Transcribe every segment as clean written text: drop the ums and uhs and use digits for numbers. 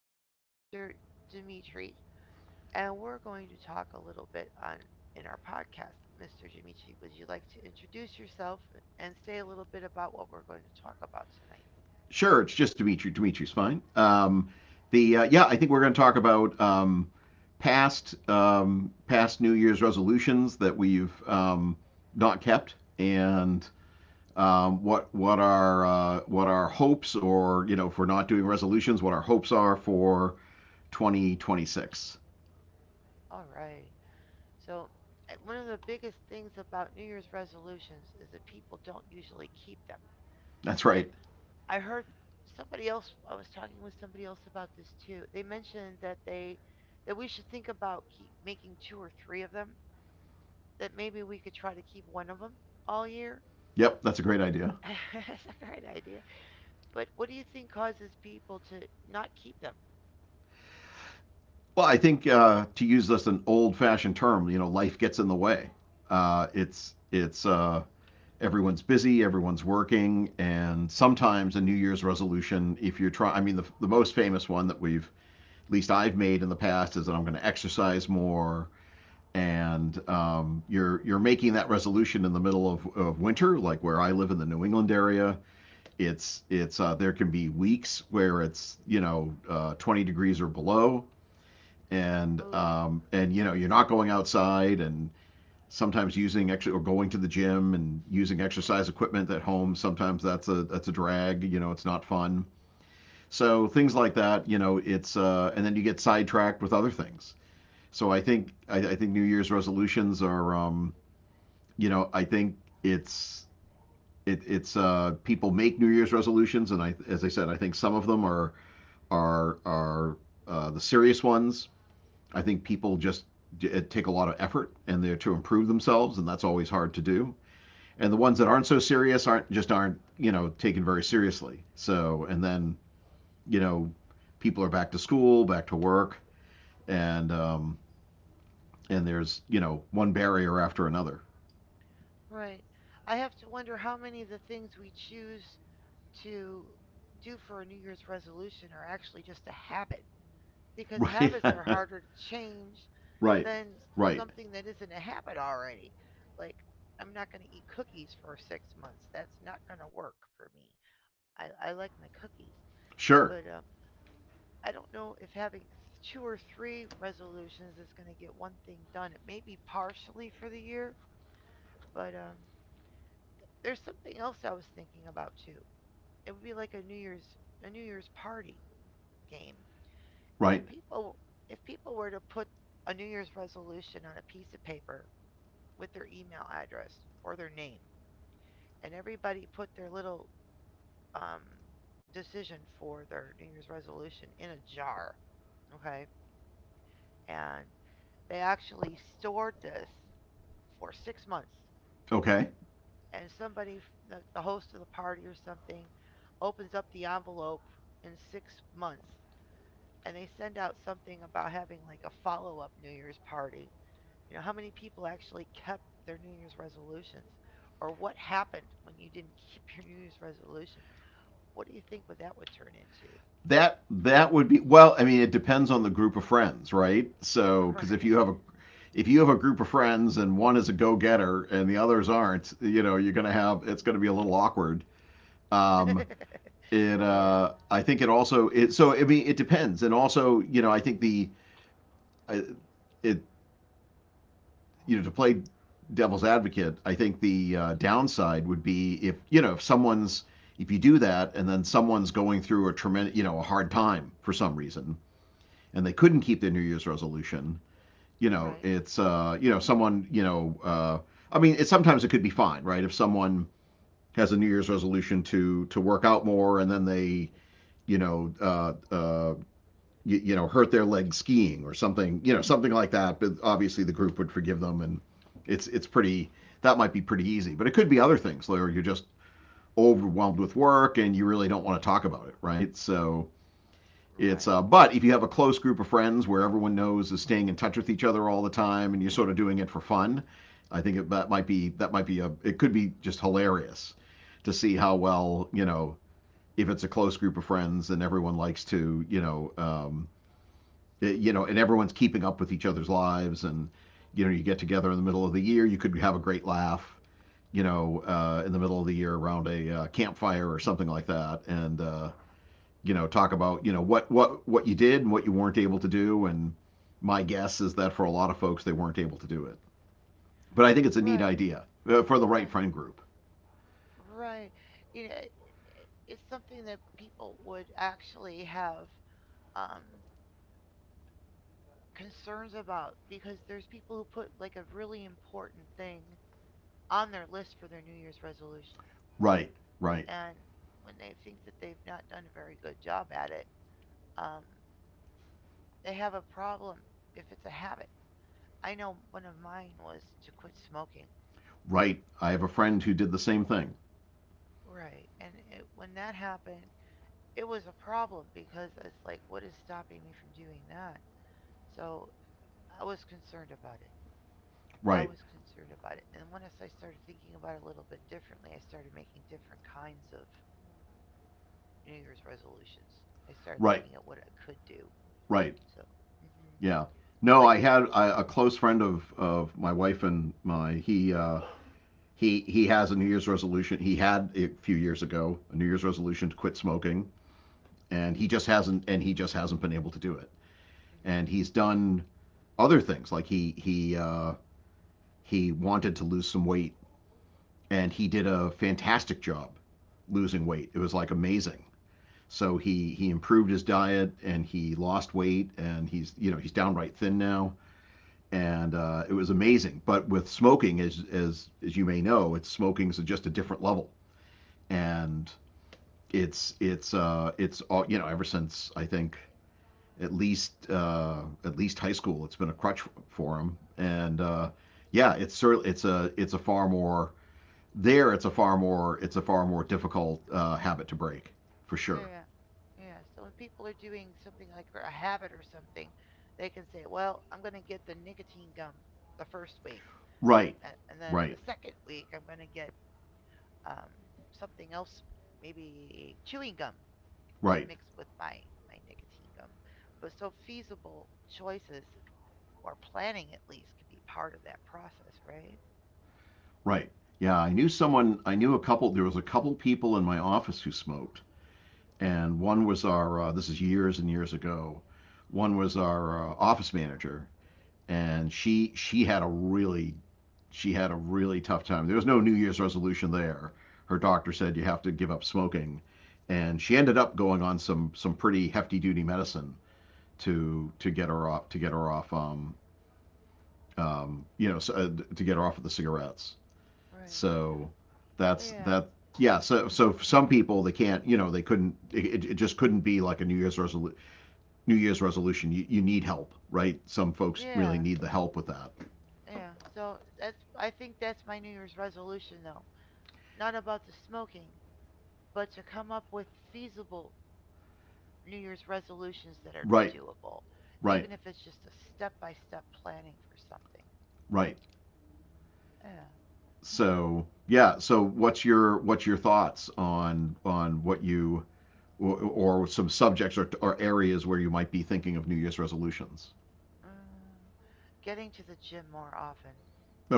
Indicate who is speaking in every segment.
Speaker 1: here with Mr. Dimitri, and we're going to talk a little bit on in our podcast. Mr. Dimitri, would you like to introduce yourself and say a little bit about what we're going to talk about tonight?
Speaker 2: Sure, it's just Dimitri. Dimitri's fine. The Yeah, I think we're going to talk about past past New Year's resolutions that we've not kept, and what our what our hopes, or if we're not doing resolutions, what our hopes are for 2026.
Speaker 1: All right. So, one of the biggest things about New Year's resolutions is that people don't usually keep them.
Speaker 2: That's
Speaker 1: And
Speaker 2: right.
Speaker 1: I heard I was talking with somebody else about this too. They mentioned that we should think about keep making two or three of them that maybe we could try to keep one of them all year.
Speaker 2: Yep, that's a great idea.
Speaker 1: That's a great idea. But what do you think causes people to not keep them?
Speaker 2: Well, I think to use this an old-fashioned term, you know, life gets in the way. It's everyone's busy, everyone's working, and sometimes a New Year's resolution, if you're trying, I mean, the most famous one that we've, at least I've made in the past, is that I'm going to exercise more. And you're making that resolution in the middle of winter, like where I live in the New England area. It's There can be weeks where it's 20 degrees or below, and
Speaker 1: Oh,
Speaker 2: um, and you know you're not going outside. And sometimes using actually or going to the gym and using exercise equipment at home, sometimes that's a drag. You know, it's not fun. So things like that, you know it's and then you get sidetracked with other things. I think new year's resolutions are you know, I think it's it's people make new year's resolutions, and I as I said, I think some of them are the serious ones. I think people just take a lot of effort, and they're to improve themselves, and that's always hard to do. And the ones that aren't so serious aren't, just aren't, you know, taken very seriously. So, and then, you know, people are back to school, back to work, and um, and there's, you know, one barrier after another.
Speaker 1: right. I have to wonder how many of the things we choose to do for a New Year's resolution are actually just a habit because
Speaker 2: Right,
Speaker 1: habits are harder to change
Speaker 2: right,
Speaker 1: than
Speaker 2: right.
Speaker 1: something that isn't a habit already. Like, I'm not going to eat cookies for 6 months. That's not going to work for me. I like my cookies.
Speaker 2: Sure.
Speaker 1: But I don't know if having two or three resolutions is going to get one thing done. It may be partially for the year, but there's something else I was thinking about too. It would be like a New Year's party game. If
Speaker 2: Right.
Speaker 1: people if people were to put a New Year's resolution on a piece of paper with their email address or their name, and everybody put their little um, decision for their New Year's resolution in a jar, okay, and they actually stored this for 6 months.
Speaker 2: Okay.
Speaker 1: And the host of the party or something, opens up the envelope in 6 months and they send out something about having like a follow up New Year's party. You know, how many people actually kept their New Year's resolutions? Or what happened when you didn't keep your New Year's resolution? What do you think what that would turn into?
Speaker 2: That would be, well, I mean, it depends on the group of friends, right? So,
Speaker 1: All
Speaker 2: because if
Speaker 1: right.
Speaker 2: you have a if you have a group of friends and one is a go getter and the others aren't, you know, you're gonna have, it's gonna be a little awkward. Um, it
Speaker 1: Yeah.
Speaker 2: I think it also, it, so I mean it depends, and also, you know, I think the I- it you know, to play devil's advocate, I think the downside would be if, you know, if someone's, if you do that and then someone's going through a tremendous, you know, a hard time for some reason and they couldn't keep their New Year's resolution, you know,
Speaker 1: Right.
Speaker 2: it's you know, someone, you know, I mean, it, sometimes it could be fine, right? If someone has a New Year's resolution to work out more, and then they, you know uh, uh, you know, hurt their leg skiing or something, you know, something like that. But obviously, the group would forgive them, and it's pretty that might be pretty easy. But it could be other things where you're just overwhelmed with work and you really don't want to talk about it, right? So it's
Speaker 1: Right.
Speaker 2: but if you have a close group of friends where everyone knows is staying in touch with each other all the time, and you're sort of doing it for fun, I think that might be, that might be a it could be just hilarious to see how well, you know, if it's a close group of friends and everyone likes to, you know, and everyone's keeping up with each other's lives. And you know, you get together in the middle of the year, you could have a great laugh, in the middle of the year around a campfire or something like that. And you know, talk about, you know, what what you did and what you weren't able to do. And my guess is that for a lot of folks, they weren't able to do it, but I think it's a neat
Speaker 1: Right.
Speaker 2: idea for the right friend group.
Speaker 1: Right. You know, it's something that people would actually have um, concerns about because there's people who put like a really important thing on their list for their New Year's resolution.
Speaker 2: Right, right,
Speaker 1: And when they think that they've not done a very good job at it, um, they have a problem if it's a habit. I know one of mine was to quit smoking.
Speaker 2: right, I have a friend who did the same thing.
Speaker 1: Right. And when that happened, it was a problem because it's like, what is stopping me from doing that? So I was concerned about it. I
Speaker 2: Right,
Speaker 1: was concerned about it. And once I started thinking about it a little bit differently, I started making different kinds of New Year's resolutions. I started
Speaker 2: right,
Speaker 1: looking at what I could do.
Speaker 2: right,
Speaker 1: So, hmm
Speaker 2: yeah. no
Speaker 1: like,
Speaker 2: i had a, a close friend of my wife and my. He he has a New Year's resolution. He had a few years ago a New Year's resolution to quit smoking, and he just hasn't, and he just hasn't been able to do it.
Speaker 1: hmm
Speaker 2: And he's done other things. Like he wanted to lose some weight, and he did a fantastic job losing weight. It was like amazing. So he improved his diet and he lost weight, and he's, you know, he's downright thin now. And it was amazing. But with smoking, as you may know, it's, smoking's just a different level, and it's all, you know. Ever since, I think, at least high school, it's been a crutch for him. And yeah, it's certainly, it's a far more, it's a far more difficult habit to break, for sure.
Speaker 1: yeah, yeah. So when people are doing something like a habit or something, they can say, well, I'm going to get the nicotine gum the first week.
Speaker 2: Right,
Speaker 1: And then
Speaker 2: right,
Speaker 1: the second week, I'm going to get um, something else, maybe chewing gum, to
Speaker 2: right,
Speaker 1: mix with my nicotine gum. But so feasible choices or planning at least could be part of that process, right?
Speaker 2: right. Yeah, I knew someone. I knew a couple. There was a couple people in my office who smoked, and one was our. This is years and years ago. One was our office manager, and she had a really, she had a really tough time. There was no New Year's resolution there. Her doctor said you have to give up smoking, and she ended up going on some pretty hefty duty medicine to get her off, to get her off, um, you know so, uh, to get her off of the cigarettes.
Speaker 1: Right.
Speaker 2: So that's
Speaker 1: Yeah,
Speaker 2: that. Yeah, so, so for some people they can't, you know, they couldn't, it just couldn't be like a new year's resolution. New year's resolution, you need help, right? Some folks really
Speaker 1: yeah,
Speaker 2: need the help with that.
Speaker 1: yeah. So that's I think that's my New Year's resolution though. Not about the smoking, but to come up with feasible New Year's resolutions that are
Speaker 2: Right.
Speaker 1: doable,
Speaker 2: Right,
Speaker 1: even if it's just a step by step planning for something.
Speaker 2: right.
Speaker 1: Yeah. So
Speaker 2: So yeah. So what's your, what's your thoughts on what you, or, or some subjects, or areas where you might be thinking of New Year's resolutions?
Speaker 1: Mm, getting to the gym more often.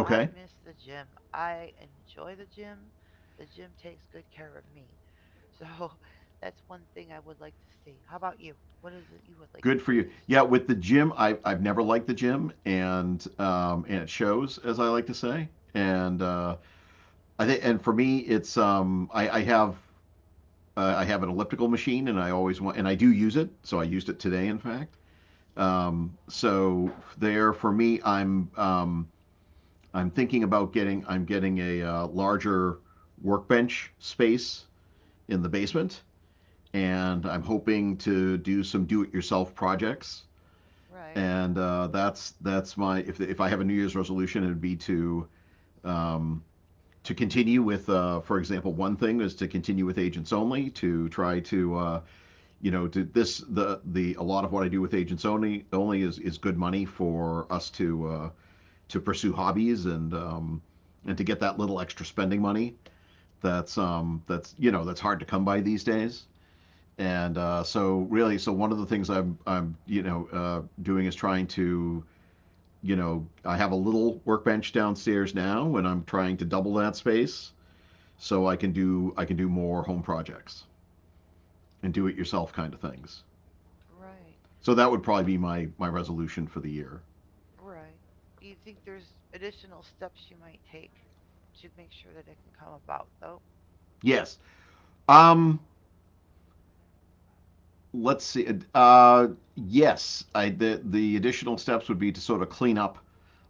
Speaker 1: I miss the gym. I enjoy the gym. The gym takes good care of me. So that's one thing I would like to see. How about you? What is it you would like to
Speaker 2: good for
Speaker 1: do
Speaker 2: you.
Speaker 1: this
Speaker 2: Yeah,
Speaker 1: year?
Speaker 2: with the gym, I've never liked the gym, and um, and it shows, as I like to say. And I think, and for me, it's um, I have an elliptical machine, and I always want, and I do use it. So I used it today, in fact. So there, for me, I'm thinking about getting, I'm getting a larger workbench space in the basement, and
Speaker 1: Okay.
Speaker 2: I'm hoping to do some do-it-yourself projects.
Speaker 1: Right.
Speaker 2: And that's my, if I have a New Year's resolution, it would be um, to continue with, for example, one thing is to continue with agents only, to try to, you know, to this, the a lot of what I do with agents only is good money for us to pursue hobbies, and and to get that little extra spending money that's, that's, you know, that's hard to come by these days. And so really, so one of the things I'm, you know, doing is trying to, you know, I have a little workbench downstairs now, and I'm trying to double that space so I can do, I can do more home projects and do-it-yourself kind of things.
Speaker 1: Right.
Speaker 2: So that would
Speaker 1: th-
Speaker 2: probably be my, my resolution for the year.
Speaker 1: Right. Do you think there's additional steps you might take to make sure that it can come about, though?
Speaker 2: Yes. Um, let's see. Uh, yes, the additional steps would be to sort of clean up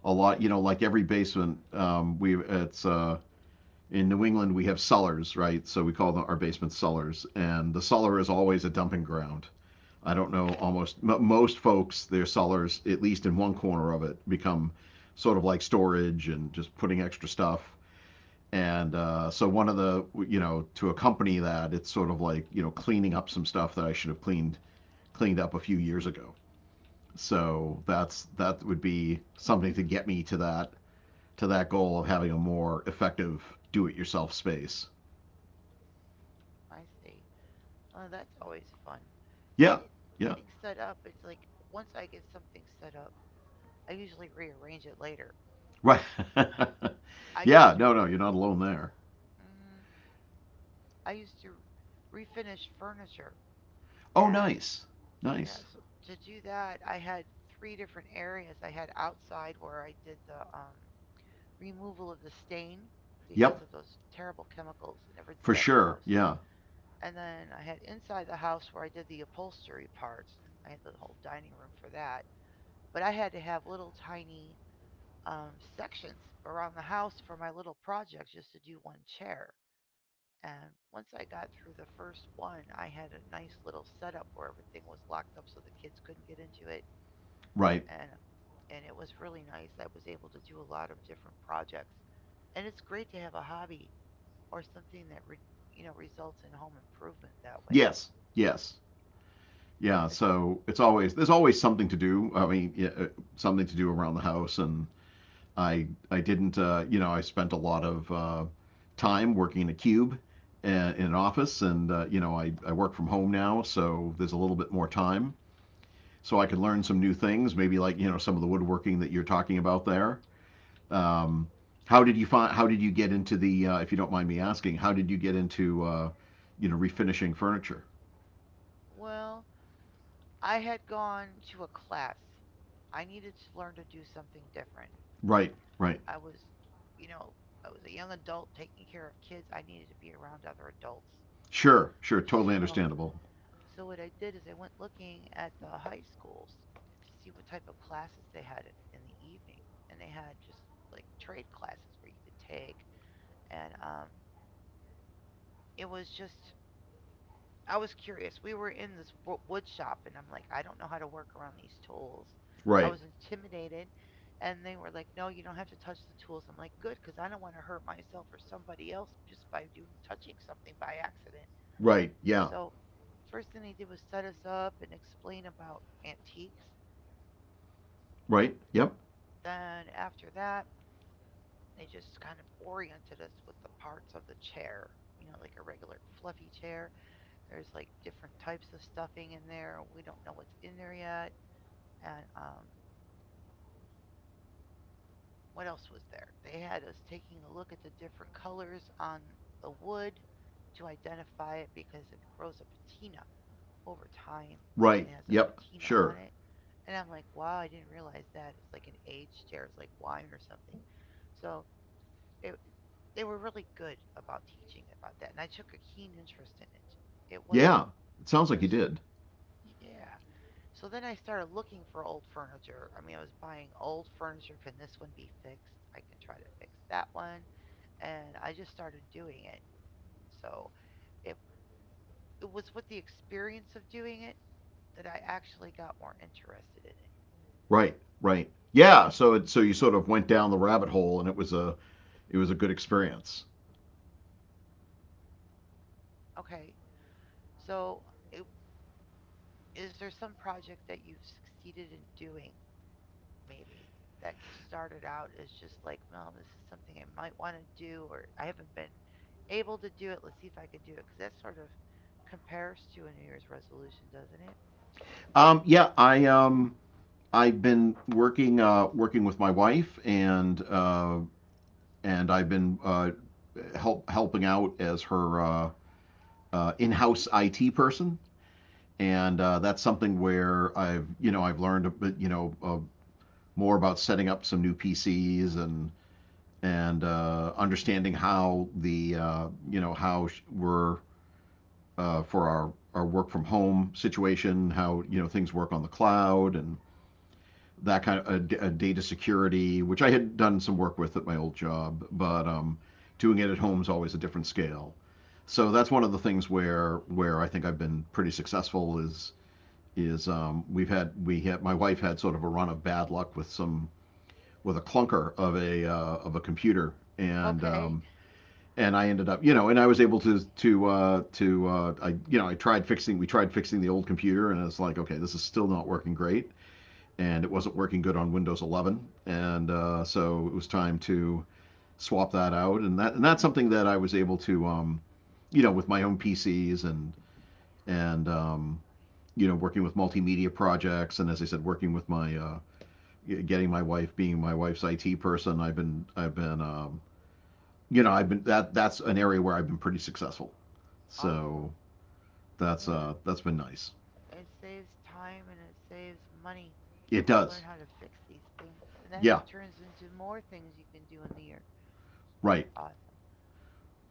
Speaker 2: a lot. You know, like every basement, we, it's in New England we have cellars, right? So we call them our basement cellars, and the cellar is always a dumping ground. I don't know. Almost most folks, their cellars, at least in one corner of it, become sort of like storage and just putting extra stuff. And so one of the, you know, to accompany that, it's sort of like, you know, cleaning up some stuff that I should have cleaned up a few years ago. So that's, that would be something to get me to that, to that goal of having a more effective do-it-yourself space.
Speaker 1: I see. Oh, that's always fun. It,
Speaker 2: Yeah,
Speaker 1: it
Speaker 2: yeah,
Speaker 1: getting set up. It's like once I get something set up, I usually rearrange it later.
Speaker 2: right.
Speaker 1: I used
Speaker 2: Yeah,
Speaker 1: to
Speaker 2: no,
Speaker 1: re-
Speaker 2: no, you're not alone there.
Speaker 1: Mm, I used to refinish furniture
Speaker 2: Oh,
Speaker 1: and
Speaker 2: nice,
Speaker 1: yeah,
Speaker 2: nice.
Speaker 1: so to do that I had three different areas. I had outside where I did the removal of the stain because
Speaker 2: Yep,
Speaker 1: of those terrible chemicals. I never did
Speaker 2: for
Speaker 1: that in the
Speaker 2: sure.
Speaker 1: house.
Speaker 2: Yeah,
Speaker 1: And then I had inside the house where I did the upholstery parts. I had the whole dining room for that. But I had to have little tiny sections around the house for my little projects just to do one chair. And once I got through the first one, I had a nice little setup where everything was locked up so the kids couldn't get into it.
Speaker 2: right.
Speaker 1: And and it was really nice. I was able to do a lot of different projects. And it's great to have a hobby or something that you know results in home improvement that way.
Speaker 2: Yes, yes, yeah.
Speaker 1: There's some
Speaker 2: So it's always, there's always something to do. I mean, yeah, something to do around the house. And I didn't, you know, I spent a lot of time working in a cube in an office, and you know, I work from home now, so there's a little bit more time, so I could learn some new things, maybe like, you know, some of the woodworking that you're talking about there. Um, how did you find? How did you get into the? If you don't mind me asking, how did you get into refinishing furniture?
Speaker 1: Well, I had gone to a class. I needed to learn to do something different.
Speaker 2: Right, right,
Speaker 1: I was, you know, I was a young adult taking care of kids. I needed to be around other adults.
Speaker 2: sure, sure, totally
Speaker 1: So
Speaker 2: understandable.
Speaker 1: So what I did is I went looking at the high schools to see what type of classes they had in the evening, and they had just like trade classes where you could take, and it was just I was curious. We were in this wood shop, and I'm like, I don't know how to work around these tools. I
Speaker 2: Right,
Speaker 1: was intimidated, and they were like, no, you don't have to touch the tools. I'm like, good, because I don't want to hurt myself or somebody else just by doing touching something by accident.
Speaker 2: right, yeah,
Speaker 1: So the first thing they did was set us up and explain about antiques.
Speaker 2: right, yep,
Speaker 1: Then after that, they just kind of oriented us with the parts of the chair. You know, like a regular fluffy chair. There's like different types of stuffing in there. We don't know what's in there yet. And what else was there? They had us taking a look at the different colors on the wood to identify it because it grows a patina over time. It
Speaker 2: right,
Speaker 1: has a
Speaker 2: yep,
Speaker 1: patina on
Speaker 2: sure.
Speaker 1: it. And I'm like, wow, I didn't realize that. It's like an aged chair. It's like wine or something. So it, they were really good about teaching about that. And I took a keen interest in it. It
Speaker 2: Yeah,
Speaker 1: wasn't
Speaker 2: it sounds like you
Speaker 1: just,
Speaker 2: did.
Speaker 1: yeah. So then I started looking for old furniture. I mean, I was buying old furniture. Can this one be fixed? I can try to fix that one. And I just started doing it. So it it was with the experience of doing it that I actually got more interested in it.
Speaker 2: Right, right. Yeah, so it so you sort of went down the rabbit hole and it was a good experience.
Speaker 1: Okay, so i- is there some project that you've succeeded in doing, maybe, that started out as just like, well, this is something I might want to do, or I haven't been able to do it. Let's see if I can do it. Because that sort of compares to a New Year's resolution, doesn't it?
Speaker 2: Yeah, I I've been working working with my wife and I've been helping out as her in-house IT person, and that's something where I've learned a bit, more about setting up some new PCs, and understanding how the, how we're, for our work from home situation, how things work on the cloud, and that kind of data security, which I had done some work with at my old job, but doing it at home is always a different scale. So that's one of the things where I think I've been pretty successful is we had my wife had sort of a run of bad luck with some with a clunker of a computer, and
Speaker 1: Okay,
Speaker 2: um, and I ended up, you know, and I was able to I I tried fixing, we tried fixing the old computer, and it's like okay, this is still not working great, and it wasn't working good on Windows 11, and so it was time to swap that out, and that's something that I was able to, you know, with my own PCs and and um, you know working with multimedia projects, and as I said, working with my getting my wife's IT person, I've been I've been that's an area where I've been pretty successful,
Speaker 1: awesome.
Speaker 2: so
Speaker 1: Yeah,
Speaker 2: that's been nice.
Speaker 1: it saves time and it saves money
Speaker 2: It
Speaker 1: to learn
Speaker 2: does.
Speaker 1: how to fix these things. And that
Speaker 2: Yeah.
Speaker 1: turns into more things you can do in the year. That's
Speaker 2: Right.
Speaker 1: awesome.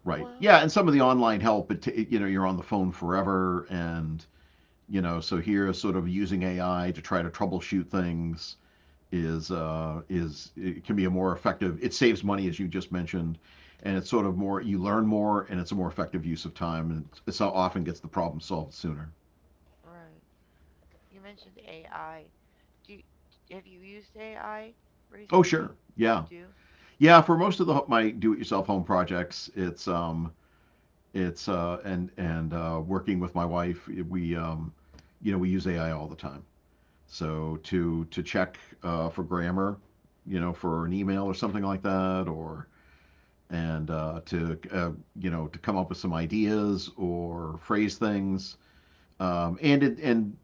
Speaker 2: Right.
Speaker 1: Well,
Speaker 2: Yeah, and some of the online help, it you know, you're on the phone forever, and you know, so here, sort of using AI to try to troubleshoot things is it can be a more effective. It saves money, as you just mentioned, and it's sort
Speaker 1: mm,
Speaker 2: of more, you learn more, and it's a more effective use of time, and it so often gets the problem solved sooner.
Speaker 1: right. You mentioned AI. Do you, have you used AI
Speaker 2: Oh,
Speaker 1: recently?
Speaker 2: sure.
Speaker 1: You
Speaker 2: Yeah.
Speaker 1: do?
Speaker 2: Yeah, for most of the my do-it-yourself home projects, it's and working with my wife, we we use AI all the time. So to check for grammar, you know, for an email or something like that, or and to you know, to come up with some ideas or phrase things. And it and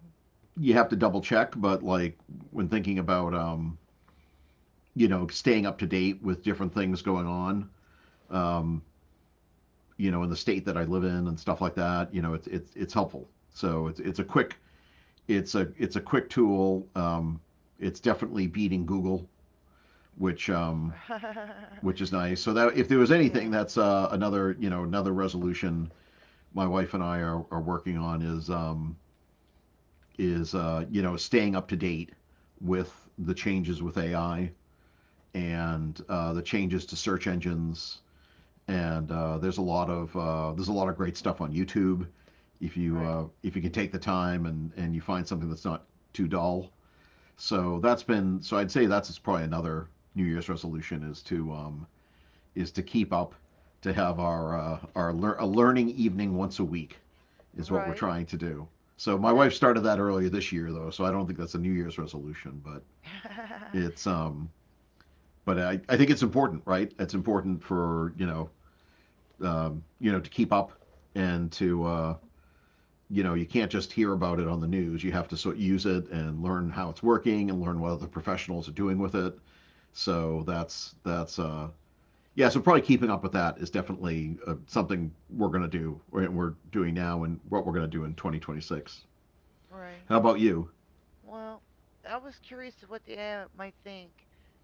Speaker 2: you have to double check, but like when thinking about, you know, staying up to date with different things going on, um, you know, in the state that I live in and stuff like that. You know, it's helpful. So it's a quick, it's a quick tool. It's definitely beating Google, which um, which is nice. So that, if there was
Speaker 1: Yeah.
Speaker 2: anything, that's another another resolution my wife and I are working on is you know, staying up to date with the changes with AI,
Speaker 1: Uh-huh.
Speaker 2: and the changes to search engines, and there's a lot of there's a lot of great stuff on YouTube.
Speaker 1: Right.
Speaker 2: If you can take the time and you find something that's not too dull, so that's been, so I'd say that's probably another New Year's resolution, is to keep up, to have our a learning evening once a week is what we're
Speaker 1: Right.
Speaker 2: trying to do. So my
Speaker 1: That's
Speaker 2: wife started that earlier this year though, so I don't think that's a New Year's resolution, but it's but I think it's important, right? It's important for you know, to keep up, and to you know, you can't just hear about it on the news. You have to sort of use it and learn how it's working and learn what other professionals are doing with it. So that's yeah. So probably keeping up with that is definitely something we're gonna do. Or we're doing now and what we're gonna do in 2026.
Speaker 1: right.
Speaker 2: How about you?
Speaker 1: Well, I was curious of what the AI might think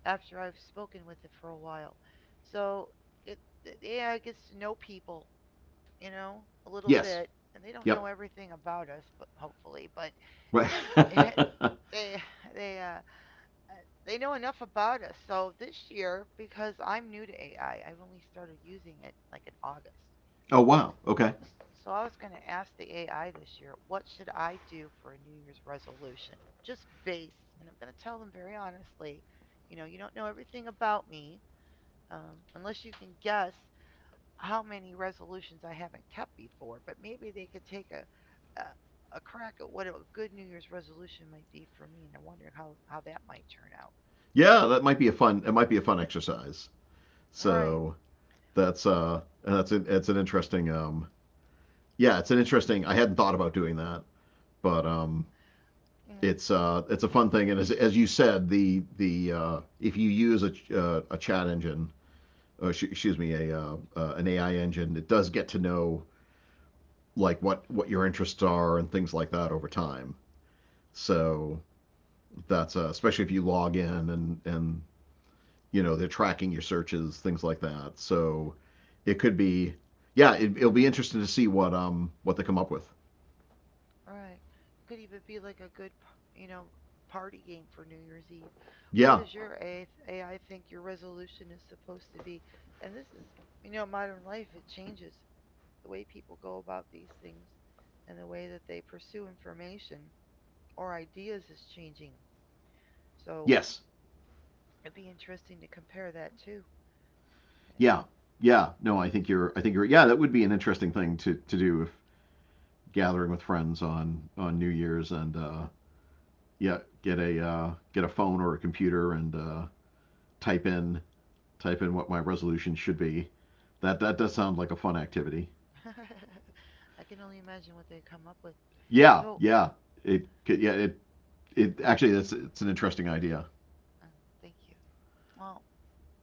Speaker 1: after I've spoken with it for a while. So it the AI gets to know people, you know, a little
Speaker 2: Yes.
Speaker 1: bit, and they don't
Speaker 2: Yep.
Speaker 1: know everything about us, but hopefully, but they they they uh, uh, they know enough about us. So this year, because I'm new to AI, I've only started using it like in August.
Speaker 2: Oh wow. Okay.
Speaker 1: So I was going to ask the AI this year, what should I do for a New Year's resolution? Just base, and I'm going to tell them very honestly, you know, you don't know everything about me, unless you can guess how many resolutions I haven't kept before, but maybe they could take a, a crack at what a good New Year's resolution might be for me, and I wonder how that might turn out.
Speaker 2: Yeah, that might be a fun. It might be a fun exercise.
Speaker 1: Right.
Speaker 2: So that's a, it's an interesting yeah, it's an interesting. I hadn't thought about doing that, but
Speaker 1: Yeah.
Speaker 2: it's a fun thing. And as you said, the if you use a chat engine, excuse me, a an AI engine, it does get to know like what your interests are and things like that over time. So that's especially if you log in and you know they're tracking your searches, things like that. So it could be, yeah, it'll be interesting to see what they come up with.
Speaker 1: Right. It could even be like a good, you know, party game for New Year's Eve. What
Speaker 2: Yeah.
Speaker 1: is your AI think your resolution is supposed to be? And this is, you know, modern life. It changes the way people go about these things, and the way that they pursue information or ideas is changing. So
Speaker 2: Yes.
Speaker 1: it'd be interesting to compare that too. Yeah.
Speaker 2: Yeah, yeah. No, I think you're. Yeah, that would be an interesting thing to do if gathering with friends on New Year's and yeah, get a phone or a computer and type in, what my resolution should be. That does sound like a fun activity.
Speaker 1: I can only imagine what they come up with.
Speaker 2: Yeah,
Speaker 1: So,
Speaker 2: yeah. Yeah it actually that's it's an interesting idea.
Speaker 1: uh, thank you. Well,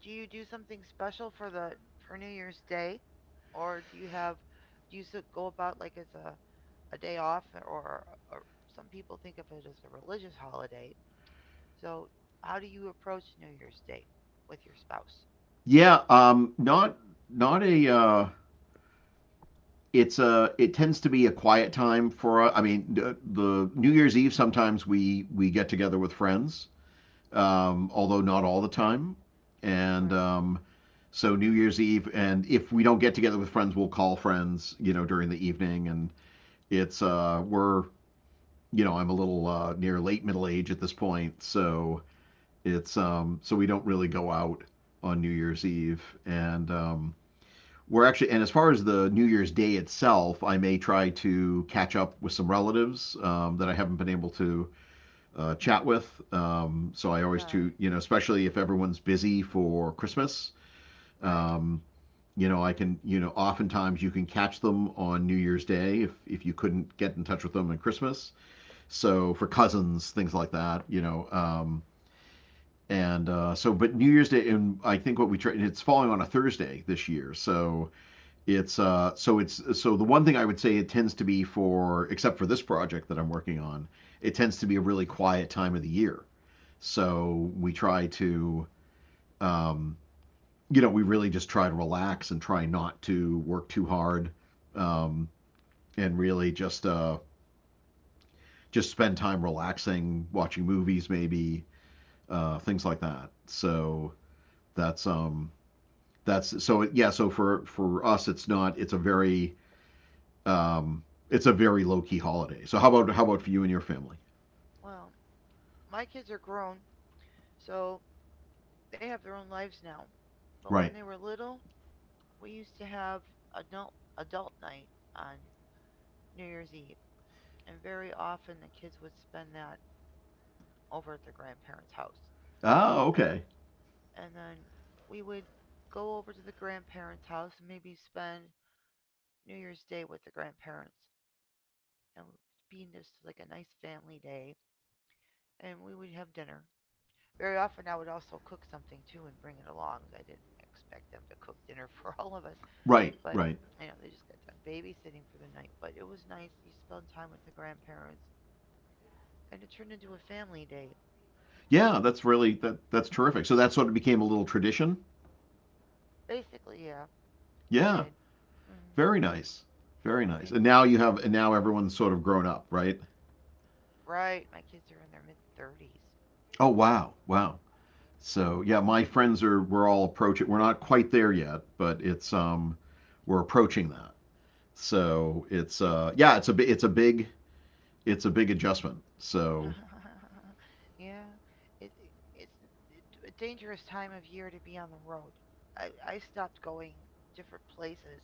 Speaker 1: do you do something special for the for New Year's Day, or do you have go about like as a day off, or some people think of it as a religious holiday? So, how do you approach New Year's Day with your spouse?
Speaker 2: Yeah, not a it's a, it tends to be a quiet time for I mean, the New Year's Eve, sometimes we get together with friends, although not all the time. And
Speaker 1: Right.
Speaker 2: So New Year's Eve, and if we don't get together with friends, we'll call friends, you know, during the evening. And it's we're you know, I'm a little near late middle age at this point, so it's so we don't really go out on New Year's Eve, and we're actually, and as far as the New Year's Day itself, I may try to catch up with some relatives that I haven't been able to chat with. So I always do,
Speaker 1: Nice.
Speaker 2: you know, especially if everyone's busy for Christmas.
Speaker 1: Right.
Speaker 2: Um, you know, I can, you know, oftentimes you can catch them on New Year's Day if you couldn't get in touch with them on Christmas. So for cousins, things like that, you know. And so, but New Year's Day, and I think what we try, it's falling on a Thursday this year. So it's so it's so the one thing I would say, it tends to be, for except for this project that I'm working on, it tends to be a really quiet time of the year. So we try to um, you know, we really just try to relax and try not to work too hard, um, and really just spend time relaxing, watching movies maybe, things like that. So that's um yeah, so for us it's not, it's a very um, it's a very low key holiday. So how about, for you and your family?
Speaker 1: Well, my kids are grown, so they have their own lives now. But
Speaker 2: Right.
Speaker 1: when they were little, we used to have adult night on New Year's Eve, and very often the kids would spend that over at their grandparents' house.
Speaker 2: Oh,
Speaker 1: And but
Speaker 2: okay.
Speaker 1: and then we would go over to the grandparents' house and maybe spend New Year's Day with the grandparents, and it would be just like a nice family day. And we would have dinner. Very often, I would also cook something too and bring it along. I didn't expect them to cook dinner for all of us.
Speaker 2: Right,
Speaker 1: But
Speaker 2: right.
Speaker 1: you know, they just got done babysitting for the night. But it was nice. You spent time with the grandparents, and it turned into a family day.
Speaker 2: Yeah, that's really, that's terrific. So that sort of became a little tradition.
Speaker 1: Basically, yeah, it
Speaker 2: Yeah,
Speaker 1: did. Mm-hmm.
Speaker 2: very nice. Very nice.
Speaker 1: It,
Speaker 2: And now you have, and now everyone's sort of grown up, right?
Speaker 1: right, my kids are in their mid thirties.
Speaker 2: Oh, wow. Wow. So, yeah, my friends are, we're all approaching, we're not quite there yet, but it's we're approaching that. So, it's
Speaker 1: It's
Speaker 2: yeah, it's a big adjustment. So,
Speaker 1: yeah, it, it it's a dangerous time of year to be on the road. I stopped going different places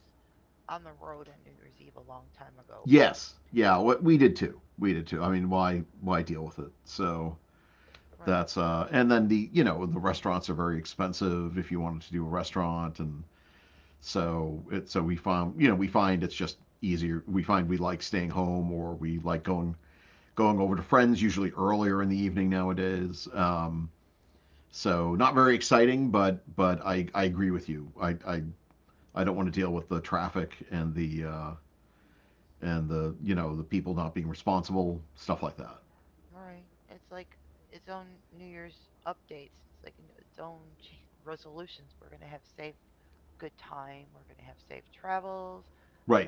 Speaker 1: on the road on New Year's Eve a long time ago.
Speaker 2: yes, yeah, we did too. We did too. I mean, why deal with it? So
Speaker 1: Right.
Speaker 2: that's and then the, you know, the restaurants are very expensive if you wanted to do a restaurant, and so we find, you know, we find it's just easier. We find we like staying home, or we like going over to friends usually earlier in the evening nowadays. So
Speaker 1: Yeah.
Speaker 2: not very exciting, but I agree with you. I I don't want to deal with the traffic and the and the, you know, the people not being responsible, stuff like that.
Speaker 1: All right. It's like its own New Year's updates. It's like its own resolutions. We're going to have safe, good time. We're going to have safe travels.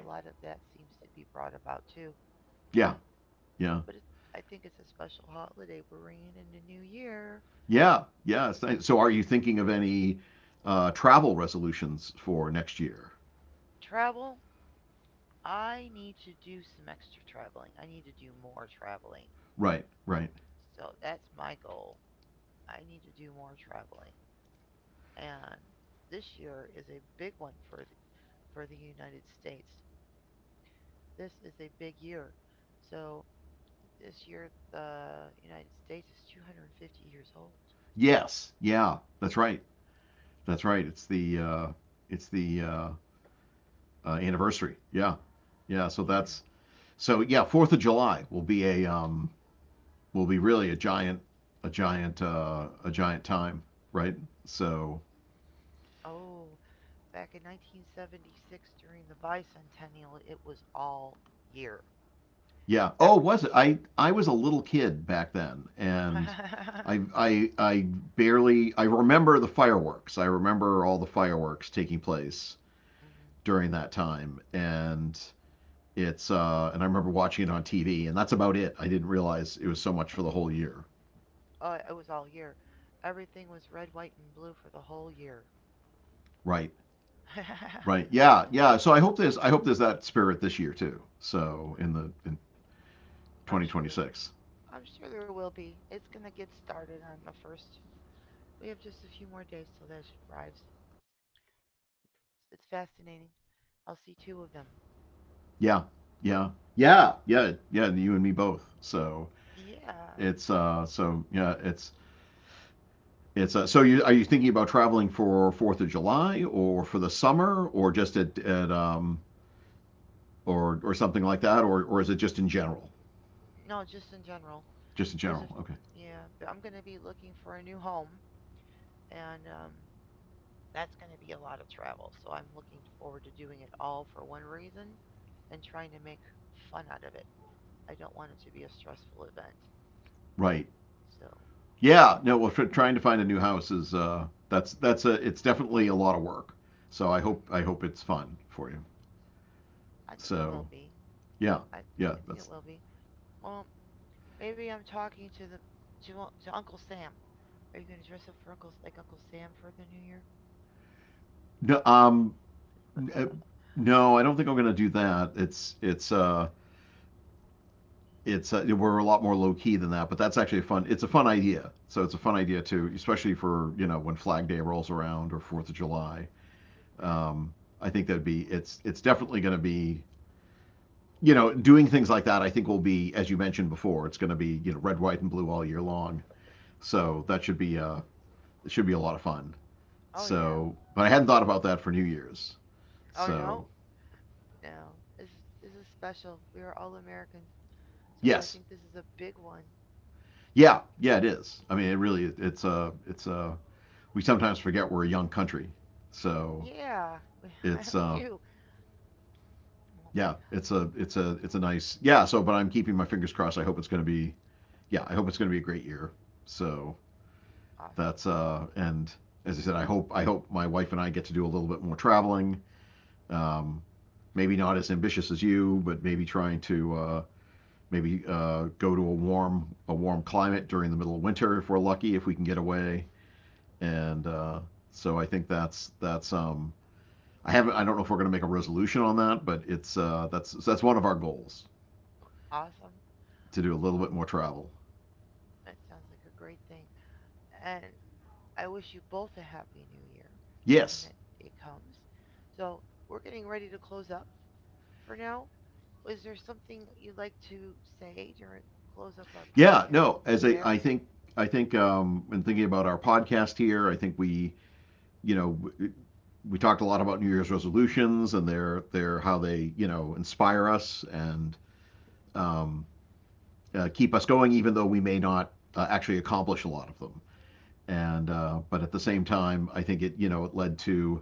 Speaker 1: A lot of that seems to be brought about too.
Speaker 2: Yeah.
Speaker 1: Eh,
Speaker 2: Yeah.
Speaker 1: but it, I think it's a special holiday. We're in the new year.
Speaker 2: Yeah. Yeah. So so are you thinking of any travel resolutions for next year?
Speaker 1: Travel. I need to do some extra traveling. I need to do more traveling.
Speaker 2: Right. Right.
Speaker 1: So that's my goal. I need to do more traveling. And this year is a big one for the United States. This is a big year. So this year the United States is 250 years old.
Speaker 2: Yes. Yeah. That's right. That's right. It's the it's the uh, anniversary. Yeah. Yeah. So
Speaker 1: Yeah.
Speaker 2: that's, so yeah. 4th of July will be a, will be really a giant, a giant time. Right. So
Speaker 1: Oh, back in 1976 during the bicentennial, it was all year.
Speaker 2: yeah. Oh,
Speaker 1: Ever.
Speaker 2: was it? I was a little kid back then,
Speaker 1: mm
Speaker 2: and I barely I remember the fireworks. I remember all the fireworks taking place during that time, and it's and I remember watching it on TV, and that's about it. I didn't realize it was so much for the whole year.
Speaker 1: Oh, it was all year. Everything was red, white, and blue for the whole year.
Speaker 2: Right. Right. Yeah. Yeah. So I hope there's that spirit this year too. So in
Speaker 1: I'm sure there.
Speaker 2: 2026.
Speaker 1: I'm sure there will be. It's gonna get started on the first. We have just a few more days till that arrives. It's fascinating. I'll see two of them.
Speaker 2: Yeah. Yeah. Yeah. Yeah. Yeah. You and me both. So
Speaker 1: Yeah.
Speaker 2: it's so yeah it's so you are you thinking about traveling for Fourth of July or for the summer or just at or something like that or is it just in general?
Speaker 1: No, just in general.
Speaker 2: Just in
Speaker 1: There's a f-
Speaker 2: general. Okay.
Speaker 1: yeah, but I'm going to be looking for a new home and that's going to be a lot of travel. So I'm looking forward to doing it all for one reason and trying to make fun out of it. I don't want it to be a stressful event.
Speaker 2: Right.
Speaker 1: So,
Speaker 2: Yeah. No. Well, trying to find a new house is that's a it's definitely a lot of work. So I
Speaker 1: hmm
Speaker 2: hope it's fun for you.
Speaker 1: I think it
Speaker 2: So
Speaker 1: will be.
Speaker 2: yeah,
Speaker 1: I
Speaker 2: yeah
Speaker 1: I think
Speaker 2: that's
Speaker 1: it will be. Well, maybe I'm talking to Uncle Sam. Are you going to dress up for Uncle Sam for the new year?
Speaker 2: no um n- uh, no, I don't think I'm gonna do that. It's We're a lot more low key than that, but that's actually a fun. It's a fun idea. So it's a fun idea too, especially for when Flag Day rolls around or Fourth of July.
Speaker 1: Yeah.
Speaker 2: Um, I think that'd be it's definitely going to be doing things like that. I think will be as you mentioned before. It's going to be red, white, and blue all year long. So
Speaker 1: Oh,
Speaker 2: that should be it should be a lot of fun.
Speaker 1: oh yeah.
Speaker 2: So, but I hadn't thought about that for New Year's.
Speaker 1: Oh
Speaker 2: So
Speaker 1: no. No, this is special. We are all Americans, so I
Speaker 2: yes,
Speaker 1: think this is a big one.
Speaker 2: yeah, yeah, it is. I mean, it really it's a we sometimes forget we're a young country. So
Speaker 1: Yeah,
Speaker 2: it's
Speaker 1: we, do. Well,
Speaker 2: yeah, it's a nice, yeah. So, but I'm keeping my fingers crossed. I hope it's going to be yeah. I hope it's going to be a great year. So
Speaker 1: Awesome,
Speaker 2: that's and as I said, I hope my wife and I get to do a little bit more traveling. Um, Maybe not as ambitious as you, but maybe trying to maybe go to a warm climate during the middle of winter if we're lucky if we can get away. And so I think that's I don't know if we're going to make a resolution on that, but it's that's one of our goals
Speaker 1: awesome.
Speaker 2: to do a little bit
Speaker 1: Well,
Speaker 2: more travel.
Speaker 1: that sounds like a great thing, and I wish you both a happy new year when
Speaker 2: Yes.
Speaker 1: that day comes. So we're getting ready to close up for now. Is there something you'd like to say during close up our
Speaker 2: Yeah.
Speaker 1: podcast
Speaker 2: No.
Speaker 1: and
Speaker 2: As a,
Speaker 1: share?
Speaker 2: I think, In thinking about our podcast here, I think we, you know, w- we talked a lot about New Year's resolutions and their how they inspire us and um, keep us going, even though we may not actually accomplish a lot of them. And But at the same time, I think it you know it led to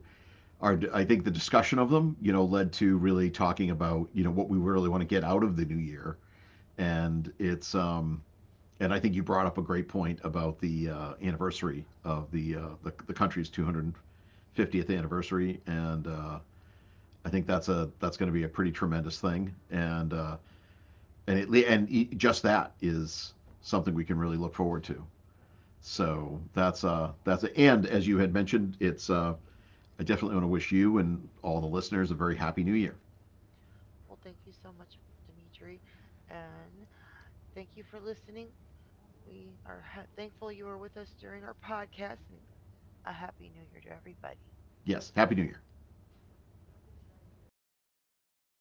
Speaker 2: our I think the discussion of them led to really talking about what we really want to get out of the new year.
Speaker 1: Hmm.
Speaker 2: And it's um, And I think you brought up a great point about the anniversary of the country's 250th anniversary, and I think that's a that's going to be a pretty tremendous thing. And it and e- just that is something we can really look forward to.
Speaker 1: Yeah.
Speaker 2: So that's a, and as you had mentioned, it's I definitely want to wish you and all the listeners a very happy New Year.
Speaker 1: Well, thank you so much, Dimitri, and thank you for listening. We are thankful you are with us during our podcast, and a happy new year to everybody.
Speaker 2: Yes, happy New Year.